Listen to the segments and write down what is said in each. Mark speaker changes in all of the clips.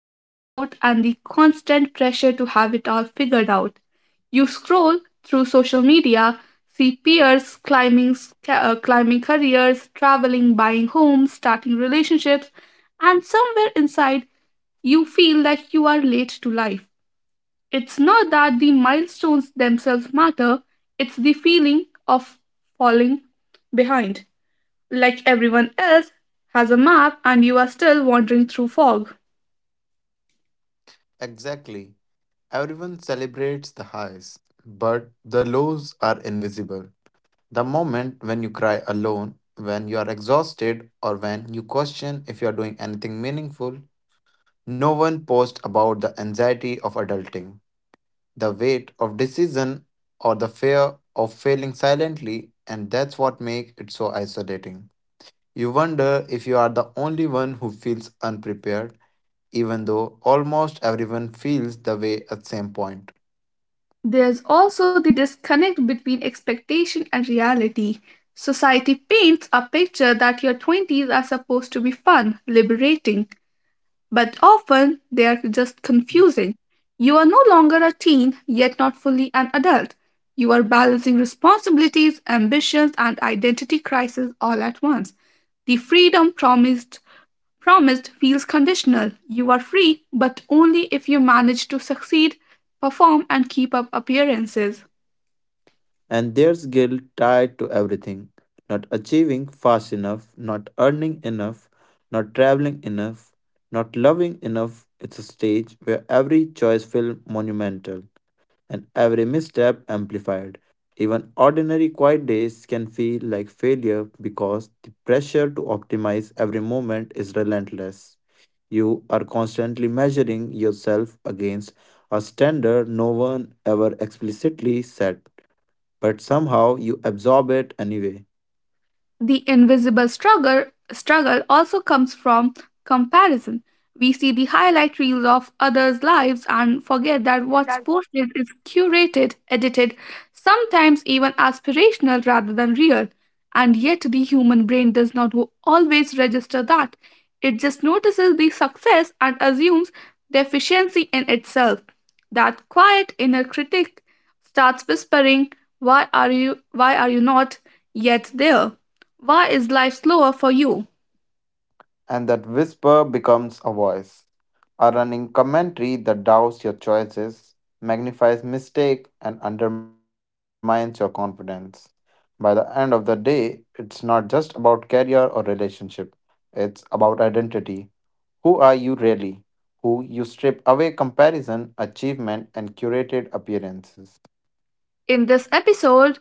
Speaker 1: self doubt, and the constant pressure to have it all figured out. You scroll through social media, see peers climbing careers, traveling, buying homes, starting relationships, and somewhere inside you feel like you are late to life. It's not that the milestones themselves matter, it's the feeling of falling behind. Like everyone else has a map and you are still wandering through fog.
Speaker 2: Exactly. Everyone celebrates the highs, but the lows are invisible. The moment when you cry alone, when you are exhausted, or when you question if you are doing anything meaningful, no one posts about the anxiety of adulting, the weight of decision, or the fear of failing silently, and that's what makes it so isolating. You wonder if you are the only one who feels unprepared, even though almost everyone feels the way at same point.
Speaker 1: There's also the disconnect between expectation and reality. Society paints a picture that your 20s are supposed to be fun, liberating, but often they are just confusing. You are no longer a teen, yet not fully an adult. You are balancing responsibilities, ambitions, and identity crisis all at once. The freedom promised feels conditional. You are free, but only if you manage to succeed, perform, and keep up appearances.
Speaker 2: And there's guilt tied to everything not achieving fast enough, not earning enough, not traveling enough, not loving enough. It's a stage where every choice feels monumental and every misstep amplified. Even ordinary quiet days can feel like failure because the pressure to optimize every moment is relentless. You are constantly measuring yourself against a standard no one ever explicitly set but somehow you absorb it anyway.
Speaker 1: The invisible struggle also comes from comparison. We see the highlight reels of others' lives and forget that what's posted is curated, edited, sometimes even aspirational rather than real. And yet the human brain does not always register that. It just notices the success and assumes deficiency in itself. That quiet inner critic starts whispering, "Why are you why are you not yet there? Why is life slower for you?"
Speaker 2: And that whisper becomes a voice, a running commentary that doubts your choices, magnifies mistake, and undermines your confidence. By the end of the day, it's not just about career or relationship. It's about identity. Who are you really? Who you strip away comparison, achievement, and curated appearances.
Speaker 1: In this episode,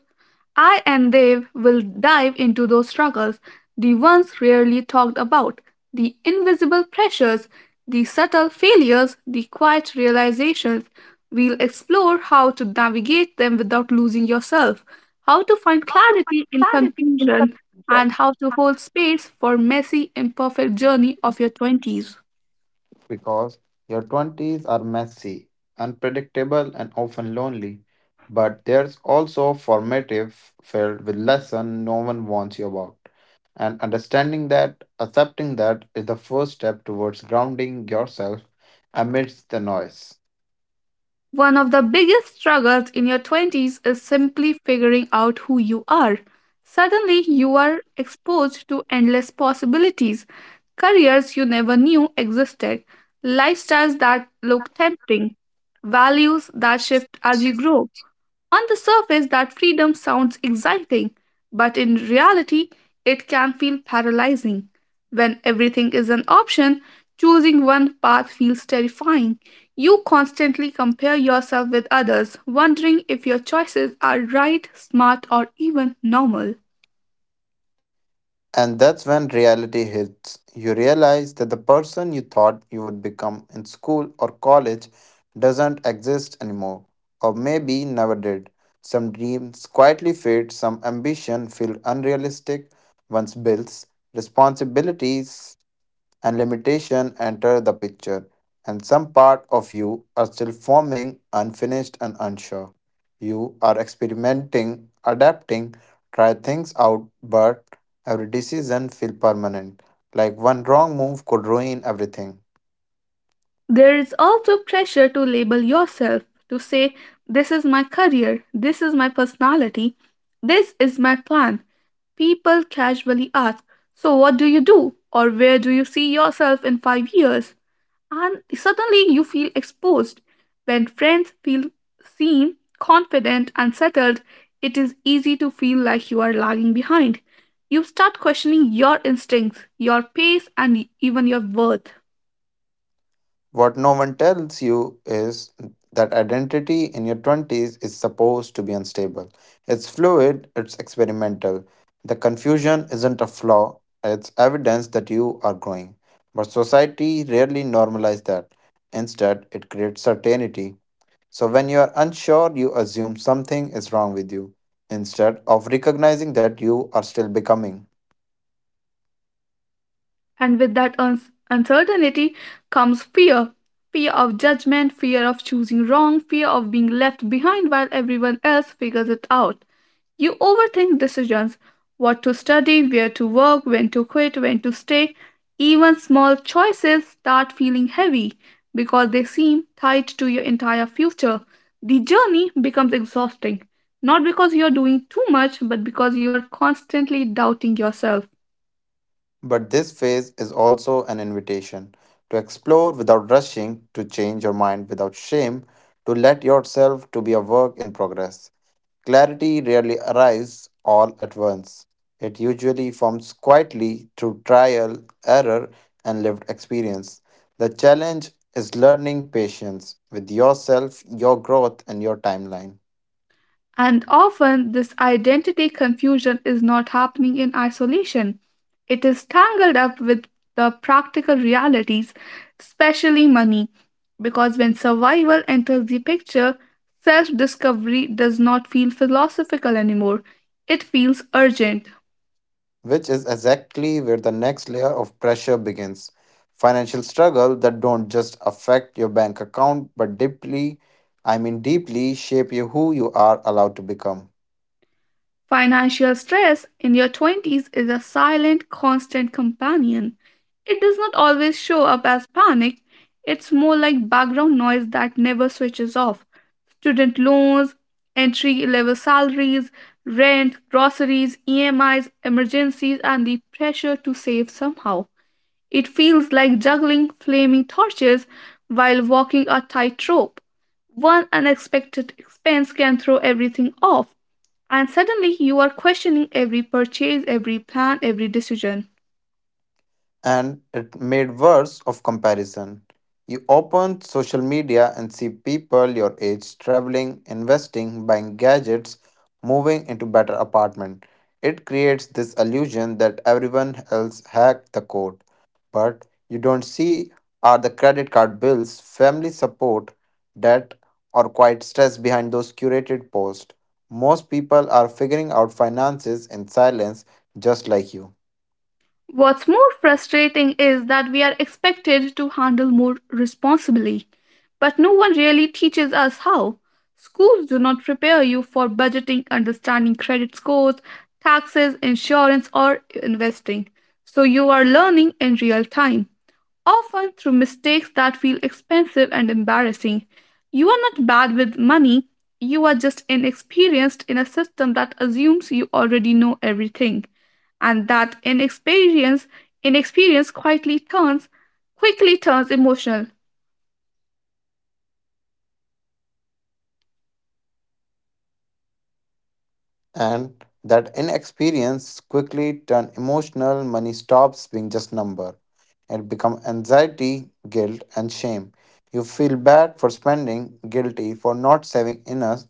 Speaker 1: I and Dev will dive into those struggles, the ones rarely talked about, the invisible pressures, the subtle failures, the quiet realizations. We'll explore how to navigate them without losing yourself, how to find clarity in confusion, and how to hold space for messy, imperfect journey of your 20s.
Speaker 2: Because your 20s are messy, unpredictable, and often lonely. But there's also formative, filled with lessons no one warns you about. And understanding that, accepting that, is the first step towards grounding yourself amidst the noise.
Speaker 1: One of the biggest struggles in your 20s is simply figuring out who you are. Suddenly, you are exposed to endless possibilities, careers you never knew existed, lifestyles that look tempting, values that shift as you grow. On the surface, that freedom sounds exciting, but in reality, it can feel paralyzing. When everything is an option, choosing one path feels terrifying. You constantly compare yourself with others, wondering if your choices are right, smart, or even normal.
Speaker 2: And that's when reality hits. You realize that the person you thought you would become in school or college doesn't exist anymore, or maybe never did. Some dreams quietly fade, some ambition feel unrealistic once bills, responsibilities and limitation enter the picture, and some part of you are still forming, unfinished, and unsure. You are experimenting, adapting, try things out, but every decision feels permanent, like one wrong move could ruin everything.
Speaker 1: There is also pressure to label yourself, to say, "This is my career, this is my personality, this is my plan." People casually ask, "So what do you do?" or "Where do you see yourself in 5 years?" And suddenly you feel exposed. When friends feel seen, confident, and settled, it is easy to feel like you are lagging behind. You start questioning your instincts, your pace, and even your worth.
Speaker 2: What no one tells you is that identity in your 20s is supposed to be unstable. It's fluid, it's experimental. The confusion isn't a flaw, it's evidence that you are growing. But society rarely normalizes that. Instead, it creates certainty. So when you are unsure, you assume something is wrong with you, instead of recognizing that you are still becoming.
Speaker 1: And with that uncertainty comes fear fear of judgment, fear of choosing wrong, fear of being left behind while everyone else figures it out. You overthink decisions what to study, where to work, when to quit, when to stay. Even small choices start feeling heavy because they seem tied to your entire future. The journey becomes exhausting, not because you're doing too much, but because you are constantly doubting yourself.
Speaker 2: But this phase is also an invitation to explore without rushing, to change your mind without shame, to let yourself to be a work in progress. Clarity rarely arrives all at once. It usually forms quietly through trial, error, and lived experience. The challenge is learning patience with yourself, your growth, and your timeline.
Speaker 1: And often, this identity confusion is not happening in isolation. It is tangled up with the practical realities, especially money, because when survival enters the picture, self discovery does not feel philosophical anymore. It feels urgent.
Speaker 2: Which is exactly where the next layer of pressure begins. Financial struggle that don't just affect your bank account but deeply, I mean deeply shape you who you are allowed to become.
Speaker 1: Financial stress in your 20s is a silent, constant companion. It does not always show up as panic, it's more like background noise that never switches off. Student loans, entry level salaries, rent, groceries, EMIs, emergencies, and the pressure to save somehow. It feels like juggling flaming torches while walking a tightrope. One unexpected expense can throw everything off, and suddenly you are questioning every purchase, every plan, every decision.
Speaker 2: And it made worse of comparison. You open social media and see people your age traveling, investing, buying gadgets, moving into better apartment. It creates this illusion that everyone else hacked the code, but you don't see are the credit card bills, family support, debt, or quiet stress behind those curated posts. Most people are figuring out finances in silence just like you.
Speaker 1: What's more frustrating is that we are expected to handle more responsibly, but no one really teaches us how. Schools do not prepare you for budgeting, understanding credit scores, taxes, insurance, or investing, so you are learning in real time often through mistakes that feel expensive and embarrassing. You are not bad with money, you are just inexperienced in a system that assumes you already know everything. And that inexperience quietly turns quickly turns emotional.
Speaker 2: And that inexperience quickly turn emotional money stops being just number, it become anxiety guilt and shame. You feel bad for spending guilty for not saving enough,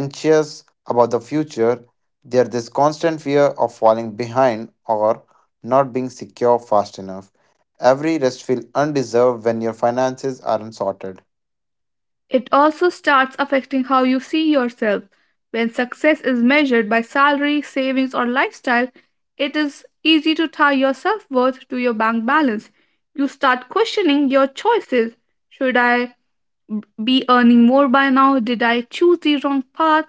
Speaker 2: anxious about the future. There's this constant fear of falling behind or not being secure fast enough, every rest feels undeserved when your finances aren't sorted.
Speaker 1: It also starts affecting how you see yourself. When success is measured by salary, savings, or lifestyle, it is easy to tie your self worth to your bank balance. You start questioning your choices. Should I be earning more by now? Did I choose the wrong path?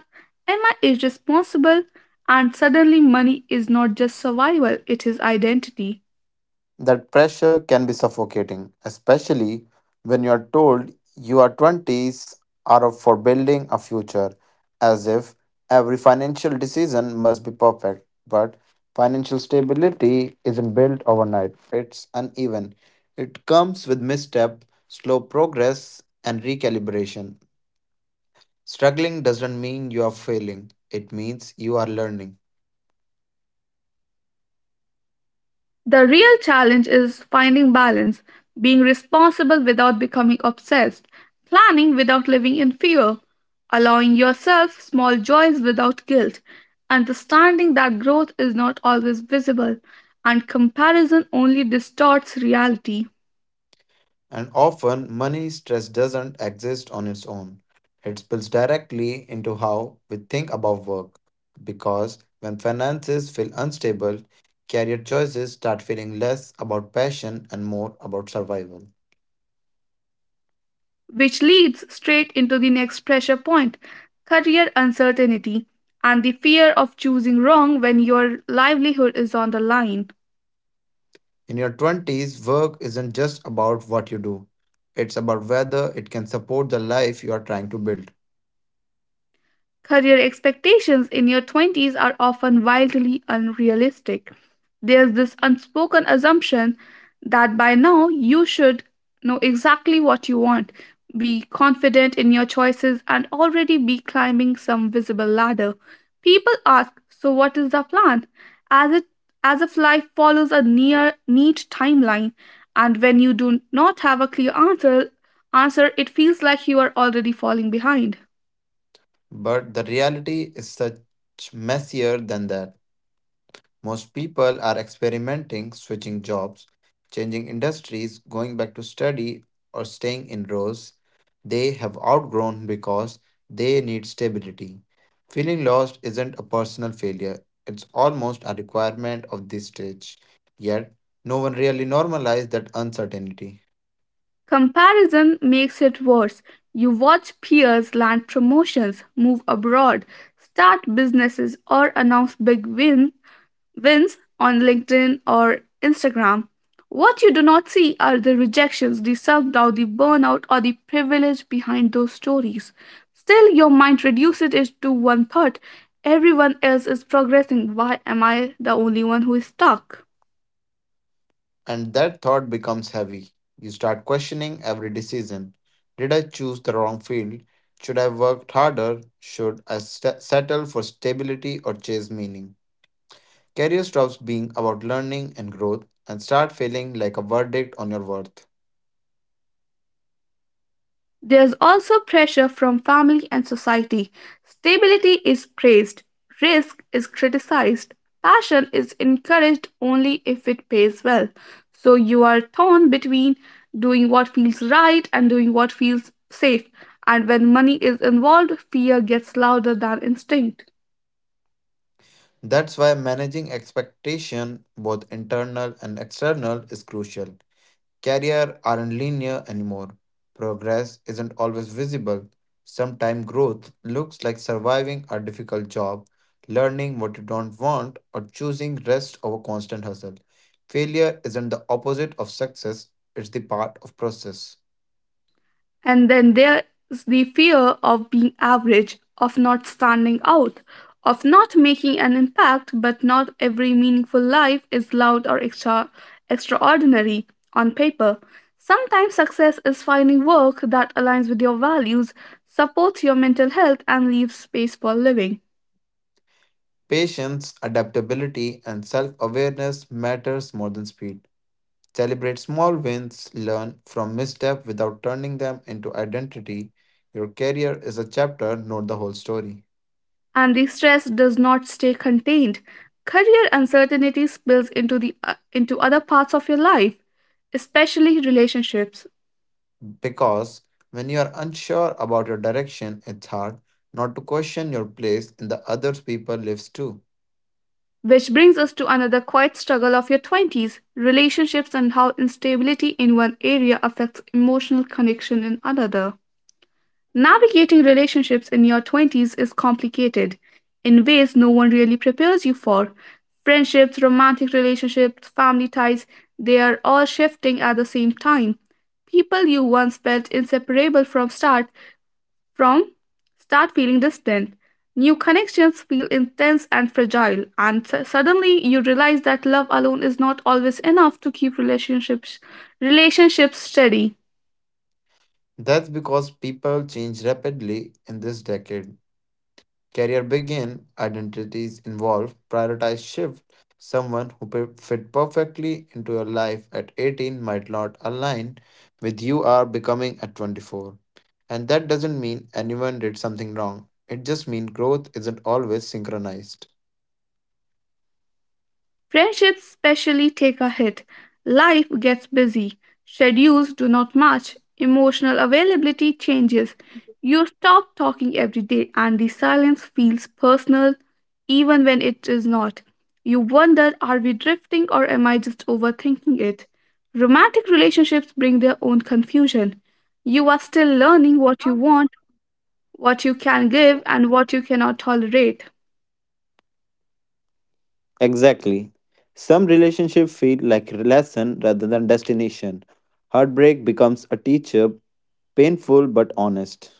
Speaker 1: Am I irresponsible? And suddenly, money is not just survival, it is identity.
Speaker 2: That pressure can be suffocating, especially when you are told your 20s are up for building a future, as if every financial decision must be perfect. But financial stability isn't built overnight, it's uneven. It comes with misstep, slow progress, and recalibration. Struggling doesn't mean you are failing, it means you are learning.
Speaker 1: The real challenge is finding balance, being responsible without becoming obsessed, planning without living in fear, allowing yourself small joys without guilt, understanding that growth is not always visible, and comparison only distorts reality,
Speaker 2: And often, money stress doesn't exist on its own. It spills directly into how we think about work. Because when finances feel unstable, career choices start feeling less about passion and more about survival.
Speaker 1: which leads straight into the next pressure point career uncertainty and the fear of choosing wrong when your livelihood is on the line.
Speaker 2: In your 20s, work isn't just about what you do, it's about whether it can support the life you are trying to build.
Speaker 1: Career expectations in your 20s are often wildly unrealistic. There's this unspoken assumption that by now you should know exactly what you want, be confident in your choices, and already be climbing some visible ladder. People ask, "So, what is the plan?" As, it, as if life follows a near neat timeline, and when you do not have a clear answer, it feels like you are already falling behind.
Speaker 2: But the reality is such messier than that. Most people are experimenting, switching jobs, changing industries, going back to study, or staying in roles they have outgrown because they need stability. Feeling lost isn't a personal failure, it's almost a requirement of this stage. Yet, no one really normalizes that uncertainty.
Speaker 1: Comparison makes it worse. You watch peers land promotions, move abroad, start businesses, or announce wins on LinkedIn or Instagram. What you do not see are the rejections, the self doubt, the burnout, or the privilege behind those stories. Still, your mind reduces it to one thought everyone else is progressing. Why am I the only one who is stuck?
Speaker 2: And that thought becomes heavy. You start questioning every decision. Did I choose the wrong field? Should I have worked harder? Should I settle for stability or chase meaning? Career stops being about learning and growth and start feeling like a verdict on your worth.
Speaker 1: There's also pressure from family and society. Stability is praised, risk is criticized, passion is encouraged only if it pays well. So you are torn between doing what feels right and doing what feels safe. And when money is involved, fear gets louder than instinct.
Speaker 2: That's why managing expectation, both internal and external, is crucial. Career aren't linear anymore. Progress isn't always visible. Sometimes growth looks like surviving a difficult job, learning what you don't want, or choosing rest over constant hustle. Failure isn't the opposite of success, it's the part of process.
Speaker 1: And then there's the fear of being average, of not standing out, of not making an impact, but not every meaningful life is loud or extraordinary on paper. Sometimes success is finding work that aligns with your values, supports your mental health, and leaves space for living.
Speaker 2: Patience, adaptability, and self-awareness matters more than speed. Celebrate small wins, learn from misstep without turning them into identity. Your career is a chapter, not the whole story.
Speaker 1: And the stress does not stay contained. Career uncertainty spills into other parts of your life, especially relationships.
Speaker 2: Because when you are unsure about your direction, it's hard not to question your place in the other people's lives too.
Speaker 1: Which brings us to another quiet struggle of your 20s relationships and how instability in one area affects emotional connection in another. Navigating relationships in your 20s is complicated in ways no one really prepares you for. Friendships, romantic relationships, family ties, they are all shifting at the same time. People you once felt inseparable from start feeling distant, new connections feel intense and fragile, and suddenly you realize that love alone is not always enough to keep relationships steady.
Speaker 2: That's because people change rapidly in this decade. Career begin, identities involve, prioritize shift. Someone who fit perfectly into your life at 18 might not align with you are becoming at 24. And that doesn't mean anyone did something wrong. It just means growth isn't always synchronized.
Speaker 1: Friendships especially take a hit. Life gets busy, schedules do not match, emotional availability changes. You stop talking every day, and the silence feels personal even when it is not. You wonder, are we drifting or am I just overthinking it? Romantic relationships bring their own confusion. You are still learning what you want, what you can give, and what you cannot tolerate.
Speaker 2: Exactly. Some relationships feel like lesson rather than destination. Heartbreak becomes a teacher, painful but honest.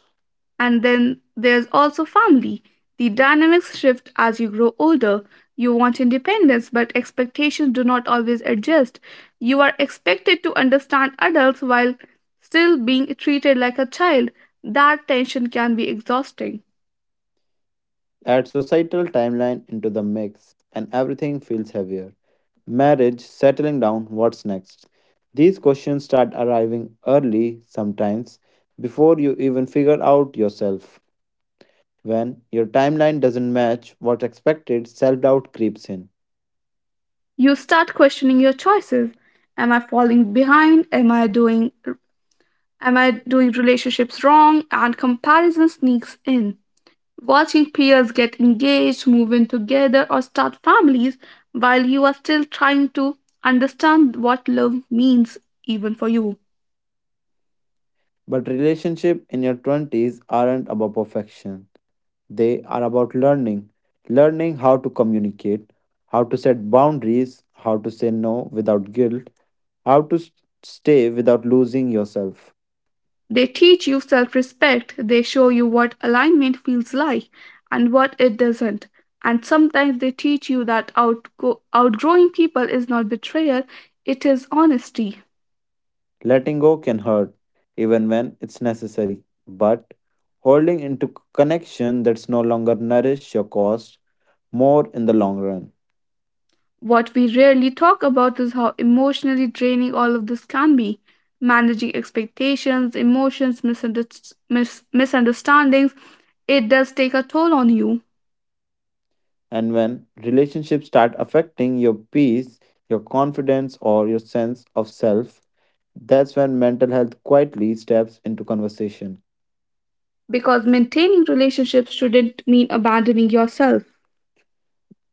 Speaker 1: And then there's also family. The dynamics shift as you grow older. You want independence, but expectations do not always adjust. You are expected to understand adults while still being treated like a child. That tension can be exhausting.
Speaker 2: Add societal timeline into the mix, and everything feels heavier. Marriage, settling down, what's next? These questions start arriving early, sometimes before you even figure out yourself. When your timeline doesn't match what's expected, self doubt creeps in.
Speaker 1: You start questioning your choices. Am I falling behind? Am I doing relationships wrong? And comparison sneaks in. Watching peers get engaged, move in together, or start families while you are still trying to understand what love means, even for you.
Speaker 2: But relationships in your 20s aren't about perfection, they are about learning. Learning how to communicate, how to set boundaries, how to say no without guilt, how to stay without losing yourself.
Speaker 1: They teach you self respect, they show you what alignment feels like and what it doesn't. And sometimes they teach you that outgrowing people is not betrayal, it is honesty.
Speaker 2: Letting go can hurt, even when it's necessary. But holding into connection that's no longer nourish your cost more in the long run.
Speaker 1: What we rarely talk about is how emotionally draining all of this can be. Managing expectations, emotions, misunderstandings, it does take a toll on you.
Speaker 2: And when relationships start affecting your peace, your confidence, or your sense of self, that's when mental health quietly steps into conversation.
Speaker 1: Because maintaining relationships shouldn't mean abandoning yourself.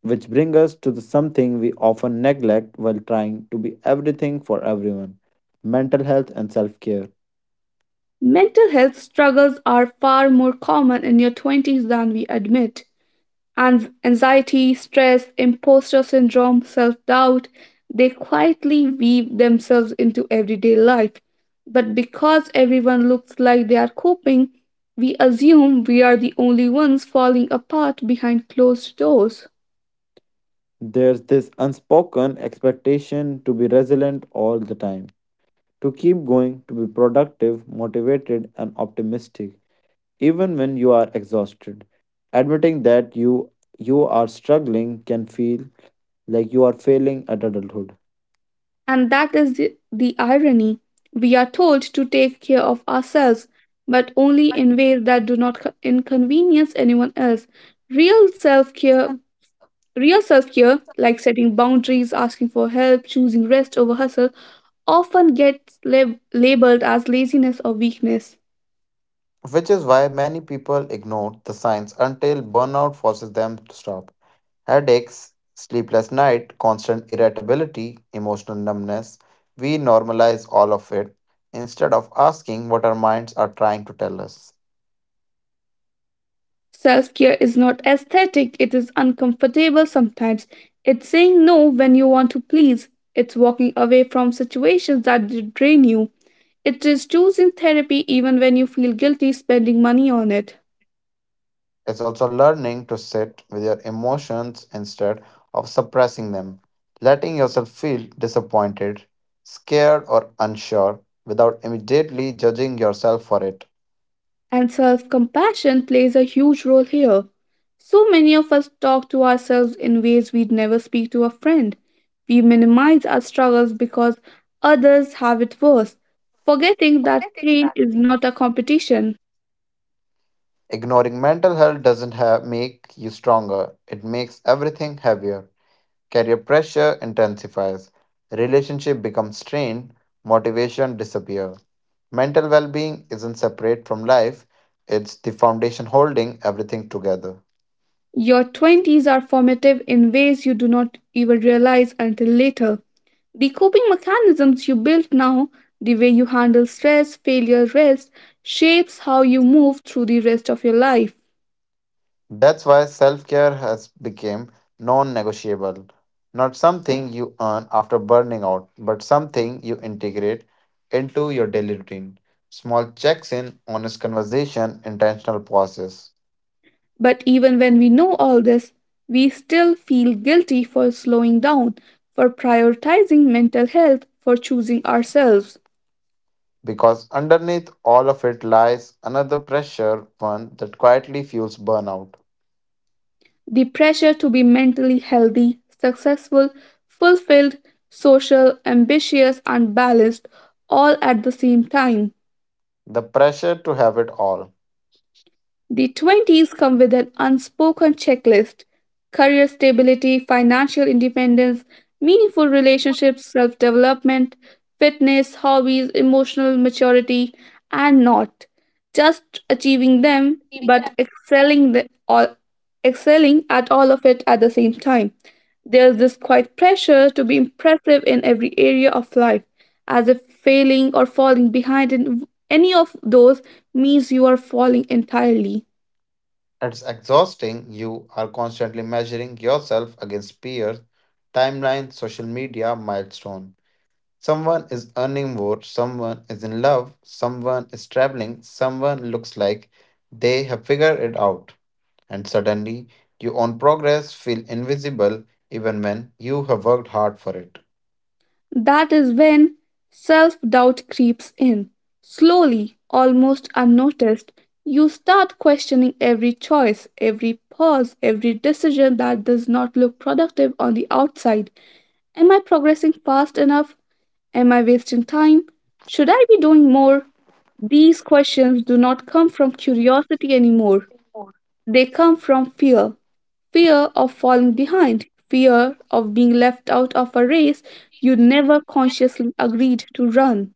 Speaker 2: Which brings us to the something we often neglect while trying to be everything for everyone mental health and self care.
Speaker 1: Mental health struggles are far more common in your 20s than we admit. And anxiety, stress, imposter syndrome, self doubt, they quietly weave themselves into everyday life. But because everyone looks like they are coping, we assume we are the only ones falling apart behind closed doors.
Speaker 2: There's this unspoken expectation to be resilient all the time, to keep going, to be productive, motivated, and optimistic, even when you are exhausted. Admitting that you are struggling can feel like you are failing at adulthood.
Speaker 1: And that is the irony. We are told to take care of ourselves, but only in ways that do not inconvenience anyone else. Real self care Real self care, like setting boundaries, asking for help, choosing rest over hustle, often gets labeled as laziness or weakness.
Speaker 2: Which is why many people ignore the signs until burnout forces them to stop. Headaches, sleepless night, constant irritability, emotional numbness. We normalize all of it instead of asking what our minds are trying to tell us.
Speaker 1: Self care is not aesthetic, it is uncomfortable sometimes. It's saying no when you want to please. It's walking away from situations that drain you. It is choosing therapy even when you feel guilty spending money on it.
Speaker 2: It's also learning to sit with your emotions instead of suppressing them, letting yourself feel disappointed, scared, or unsure without immediately judging yourself for it.
Speaker 1: And self compassion plays a huge role here. So many of us talk to ourselves in ways we'd never speak to a friend. We minimize our struggles because others have it worse, forgetting that pain is not a competition.
Speaker 2: Ignoring mental health doesn't make you stronger, it makes everything heavier. Career pressure intensifies, relationship becomes strained, motivation disappears. Mental well-being isn't separate from life, it's the foundation holding everything together.
Speaker 1: Your 20s are formative in ways you do not even realize until later. The coping mechanisms you build now, the way you handle stress, failure, rest, shapes how you move through the rest of your life.
Speaker 2: That's why self-care has become non-negotiable, not something you earn after burning out, but something you integrate into your daily routine. Small checks in, honest conversation, intentional pauses.
Speaker 1: But even when we know all this, we still feel guilty for slowing down, for prioritizing mental health, for choosing ourselves.
Speaker 2: Because underneath all of it lies another pressure, one that quietly fuels burnout
Speaker 1: The pressure to be mentally healthy, successful, fulfilled, social, ambitious, and balanced all at the same time.
Speaker 2: the pressure to have it all.
Speaker 1: The 20s come with an unspoken checklist: career stability, financial independence, meaningful relationships, self development, fitness, hobbies, emotional maturity, and not just achieving them but excelling at all of it at the same time. There's this quiet pressure to be impressive in every area of life, as if failing or falling behind in any of those means you are falling entirely.
Speaker 2: It's exhausting. You are constantly measuring yourself against peers, timelines, social media, milestone. Someone is earning more, someone is in love, someone is traveling, someone looks like they have figured it out. And suddenly, your own progress feels invisible even when you have worked hard for it.
Speaker 1: That is when self doubt creeps in. Slowly, almost unnoticed, you start questioning every choice, every pause, every decision that does not look productive on the outside. Am I progressing fast enough? Am I wasting time? Should I be doing more? These questions do not come from curiosity anymore. They come from fear, fear of falling behind, fear of being left out of a race you never consciously agreed to run.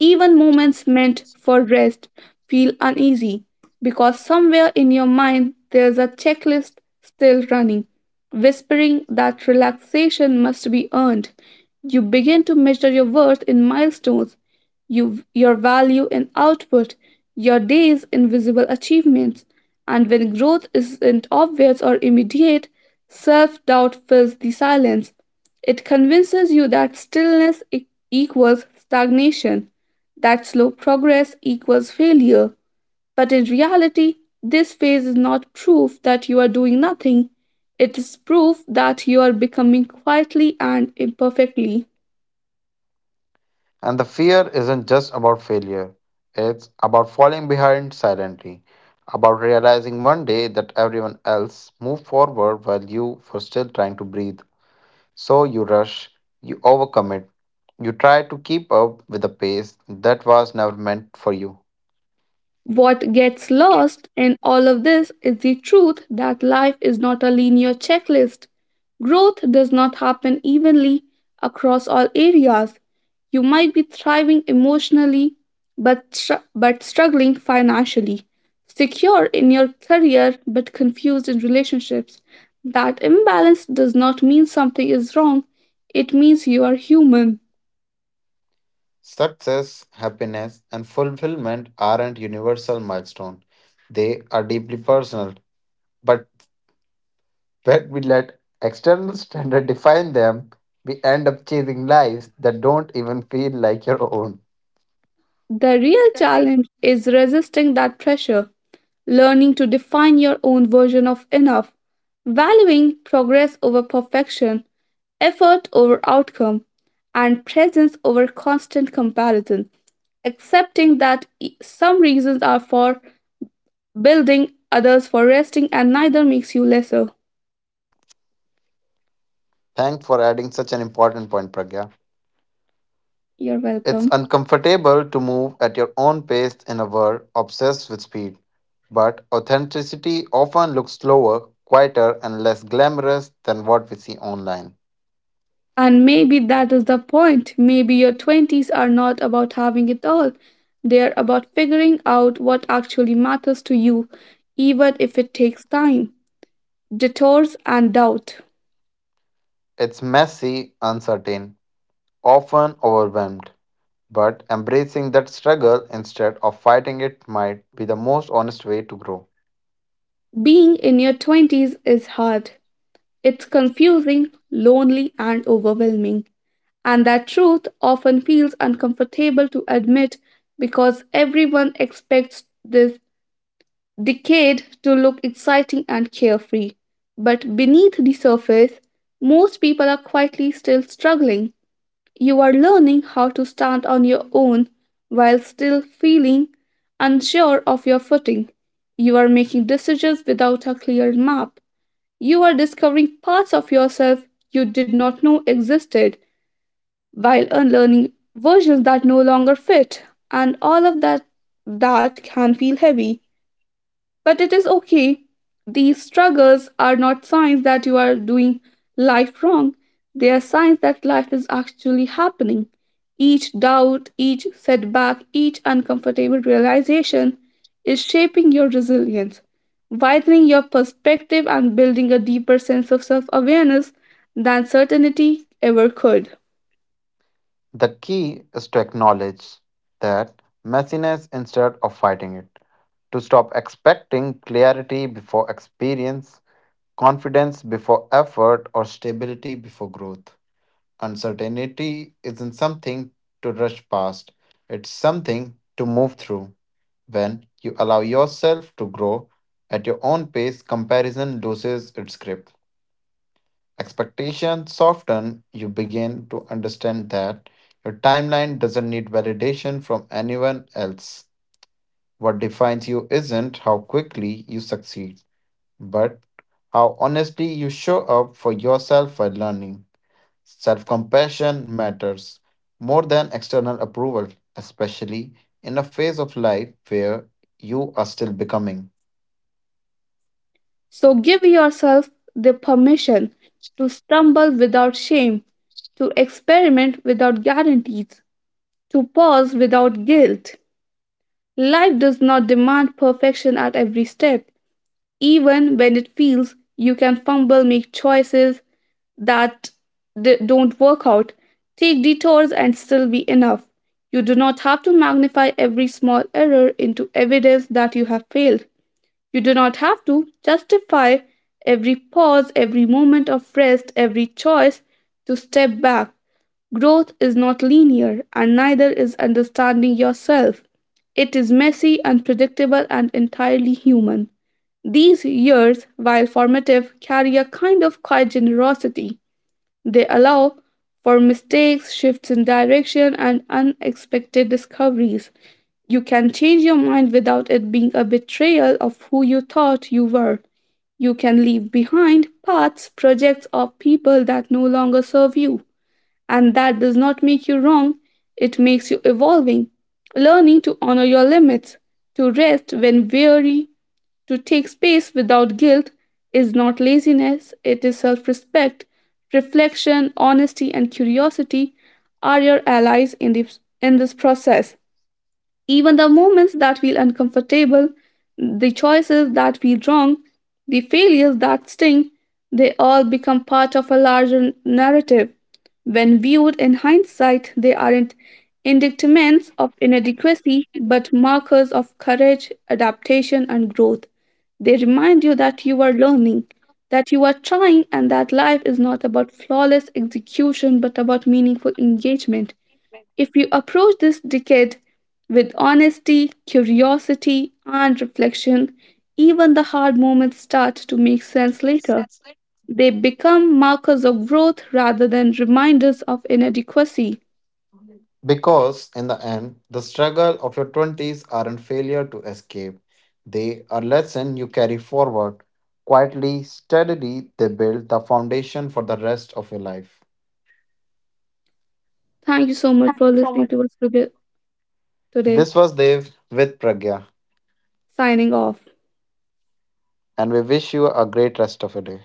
Speaker 1: Even moments meant for rest feel uneasy because somewhere in your mind there's a checklist still running, whispering that relaxation must be earned. You begin to measure your worth in milestones, your value in output, your days in visible achievements. And when growth isn't obvious or immediate, self doubt fills the silence. It convinces you that equals stagnation, that slow progress equals failure. But in reality, this phase is not proof that you are doing nothing. It is proof that you are becoming, quietly and imperfectly.
Speaker 2: And the fear isn't just about failure, it's about falling behind silently, about realizing one day that everyone else moved forward while you were still trying to breathe. So you rush, you overcommit, you try to keep up with the pace that was never meant for you.
Speaker 1: What gets lost in all of this is the truth that life is not a linear checklist. Growth does not happen evenly across all areas. You might be thriving emotionally but struggling financially, secure in your career but confused in relationships. That imbalance does not mean something is wrong, it means you are human.
Speaker 2: Success, happiness, and fulfillment aren't universal milestones, they are deeply personal. But when we let external standards define them, we end up chasing lives that don't even feel like your own.
Speaker 1: The real challenge is resisting that pressure, learning to define your own version of enough, valuing progress over perfection, effort over outcome, and presence over constant comparison, accepting that some reasons are for building, others for resting, and neither makes you lesser.
Speaker 2: Thanks for adding such an important point, Pragya.
Speaker 1: You're
Speaker 2: It's
Speaker 1: welcome.
Speaker 2: uncomfortable to move at your own pace in a world obsessed with speed, but authenticity often looks slower, quieter, and less glamorous than what we see online.
Speaker 1: And maybe that is the point. Maybe your 20s are not about having it all. They're about figuring out what actually matters to you, even if it takes time, detours, and doubt.
Speaker 2: It's messy, uncertain, often overwhelmed. But embracing that struggle instead of fighting it might be the most honest way to grow.
Speaker 1: Being in your 20s is hard. It's confusing, lonely, and overwhelming. And that truth often feels uncomfortable to admit because everyone expects this decade to look exciting and carefree. But beneath the surface, most people are quietly still struggling. You are learning how to stand on your own while still feeling unsure of your footing. You are making decisions without a clear map. You are discovering parts of yourself you did not know existed while unlearning versions that no longer fit. And all of that can feel heavy. But it is okay. These struggles are not signs that you are doing life wrong. They are signs that life is actually happening. Each doubt, each setback, each uncomfortable realization is shaping your resilience, widening your perspective, and building a deeper sense of self awareness than certainty ever could.
Speaker 2: The key is to acknowledge that messiness instead of fighting it, to stop expecting clarity before experience, confidence before effort, or stability before growth. Uncertainty isn't something to rush past, it's something to move through. When you allow yourself to grow at your own pace, comparison loses its grip. Expectations soften, you begin to understand that your timeline doesn't need validation from anyone else. What defines you isn't how quickly you succeed, but how honestly you show up for yourself while learning. Self compassion matters more than external approval, especially in a phase of life where you are still becoming.
Speaker 1: So give yourself the permission to stumble without shame, to experiment without guarantees, to pause without guilt. Life does not demand perfection at every step. Even when it feels you can fumble, make choices that don't work out, take detours and still be enough. You do not have to magnify every small error into evidence that you have failed. You do not have to justify every pause, every moment of rest, every choice to step back. Growth is not linear, and neither is understanding yourself. It is messy, unpredictable, and entirely human. These years, while formative, carry a kind of quiet generosity. They allow for mistakes, shifts in direction, and unexpected discoveries. You can change your mind without it being a betrayal of who you thought you were. You can leave behind paths, projects, or people that no longer serve you. And that does not make you wrong, it makes you evolving, learning to honor your limits, to rest when weary, to take space without guilt is not laziness, it is self respect. Reflection, honesty, and curiosity are your allies in in this process. Even the moments that feel uncomfortable, the choices that feel wrong, the failures that sting, they all become part of a larger narrative. When viewed in hindsight, they aren't indictments of inadequacy, but markers of courage, adaptation, and growth. They remind you that you are learning, that you are trying, and that life is not about flawless execution but about meaningful engagement. If you approach this decade with honesty, curiosity, and reflection, even the hard moments start to make sense later. They become markers of growth rather than reminders of inadequacy.
Speaker 2: Because in the end, the struggle of your 20s aren't failure to escape. They are lesson you carry forward. Quietly, steadily, they build the foundation for the rest of your life.
Speaker 1: Thank you so much for listening to us today.
Speaker 2: This was Dev with Pragya,
Speaker 1: Signing off.
Speaker 2: and we wish you a great rest of your day.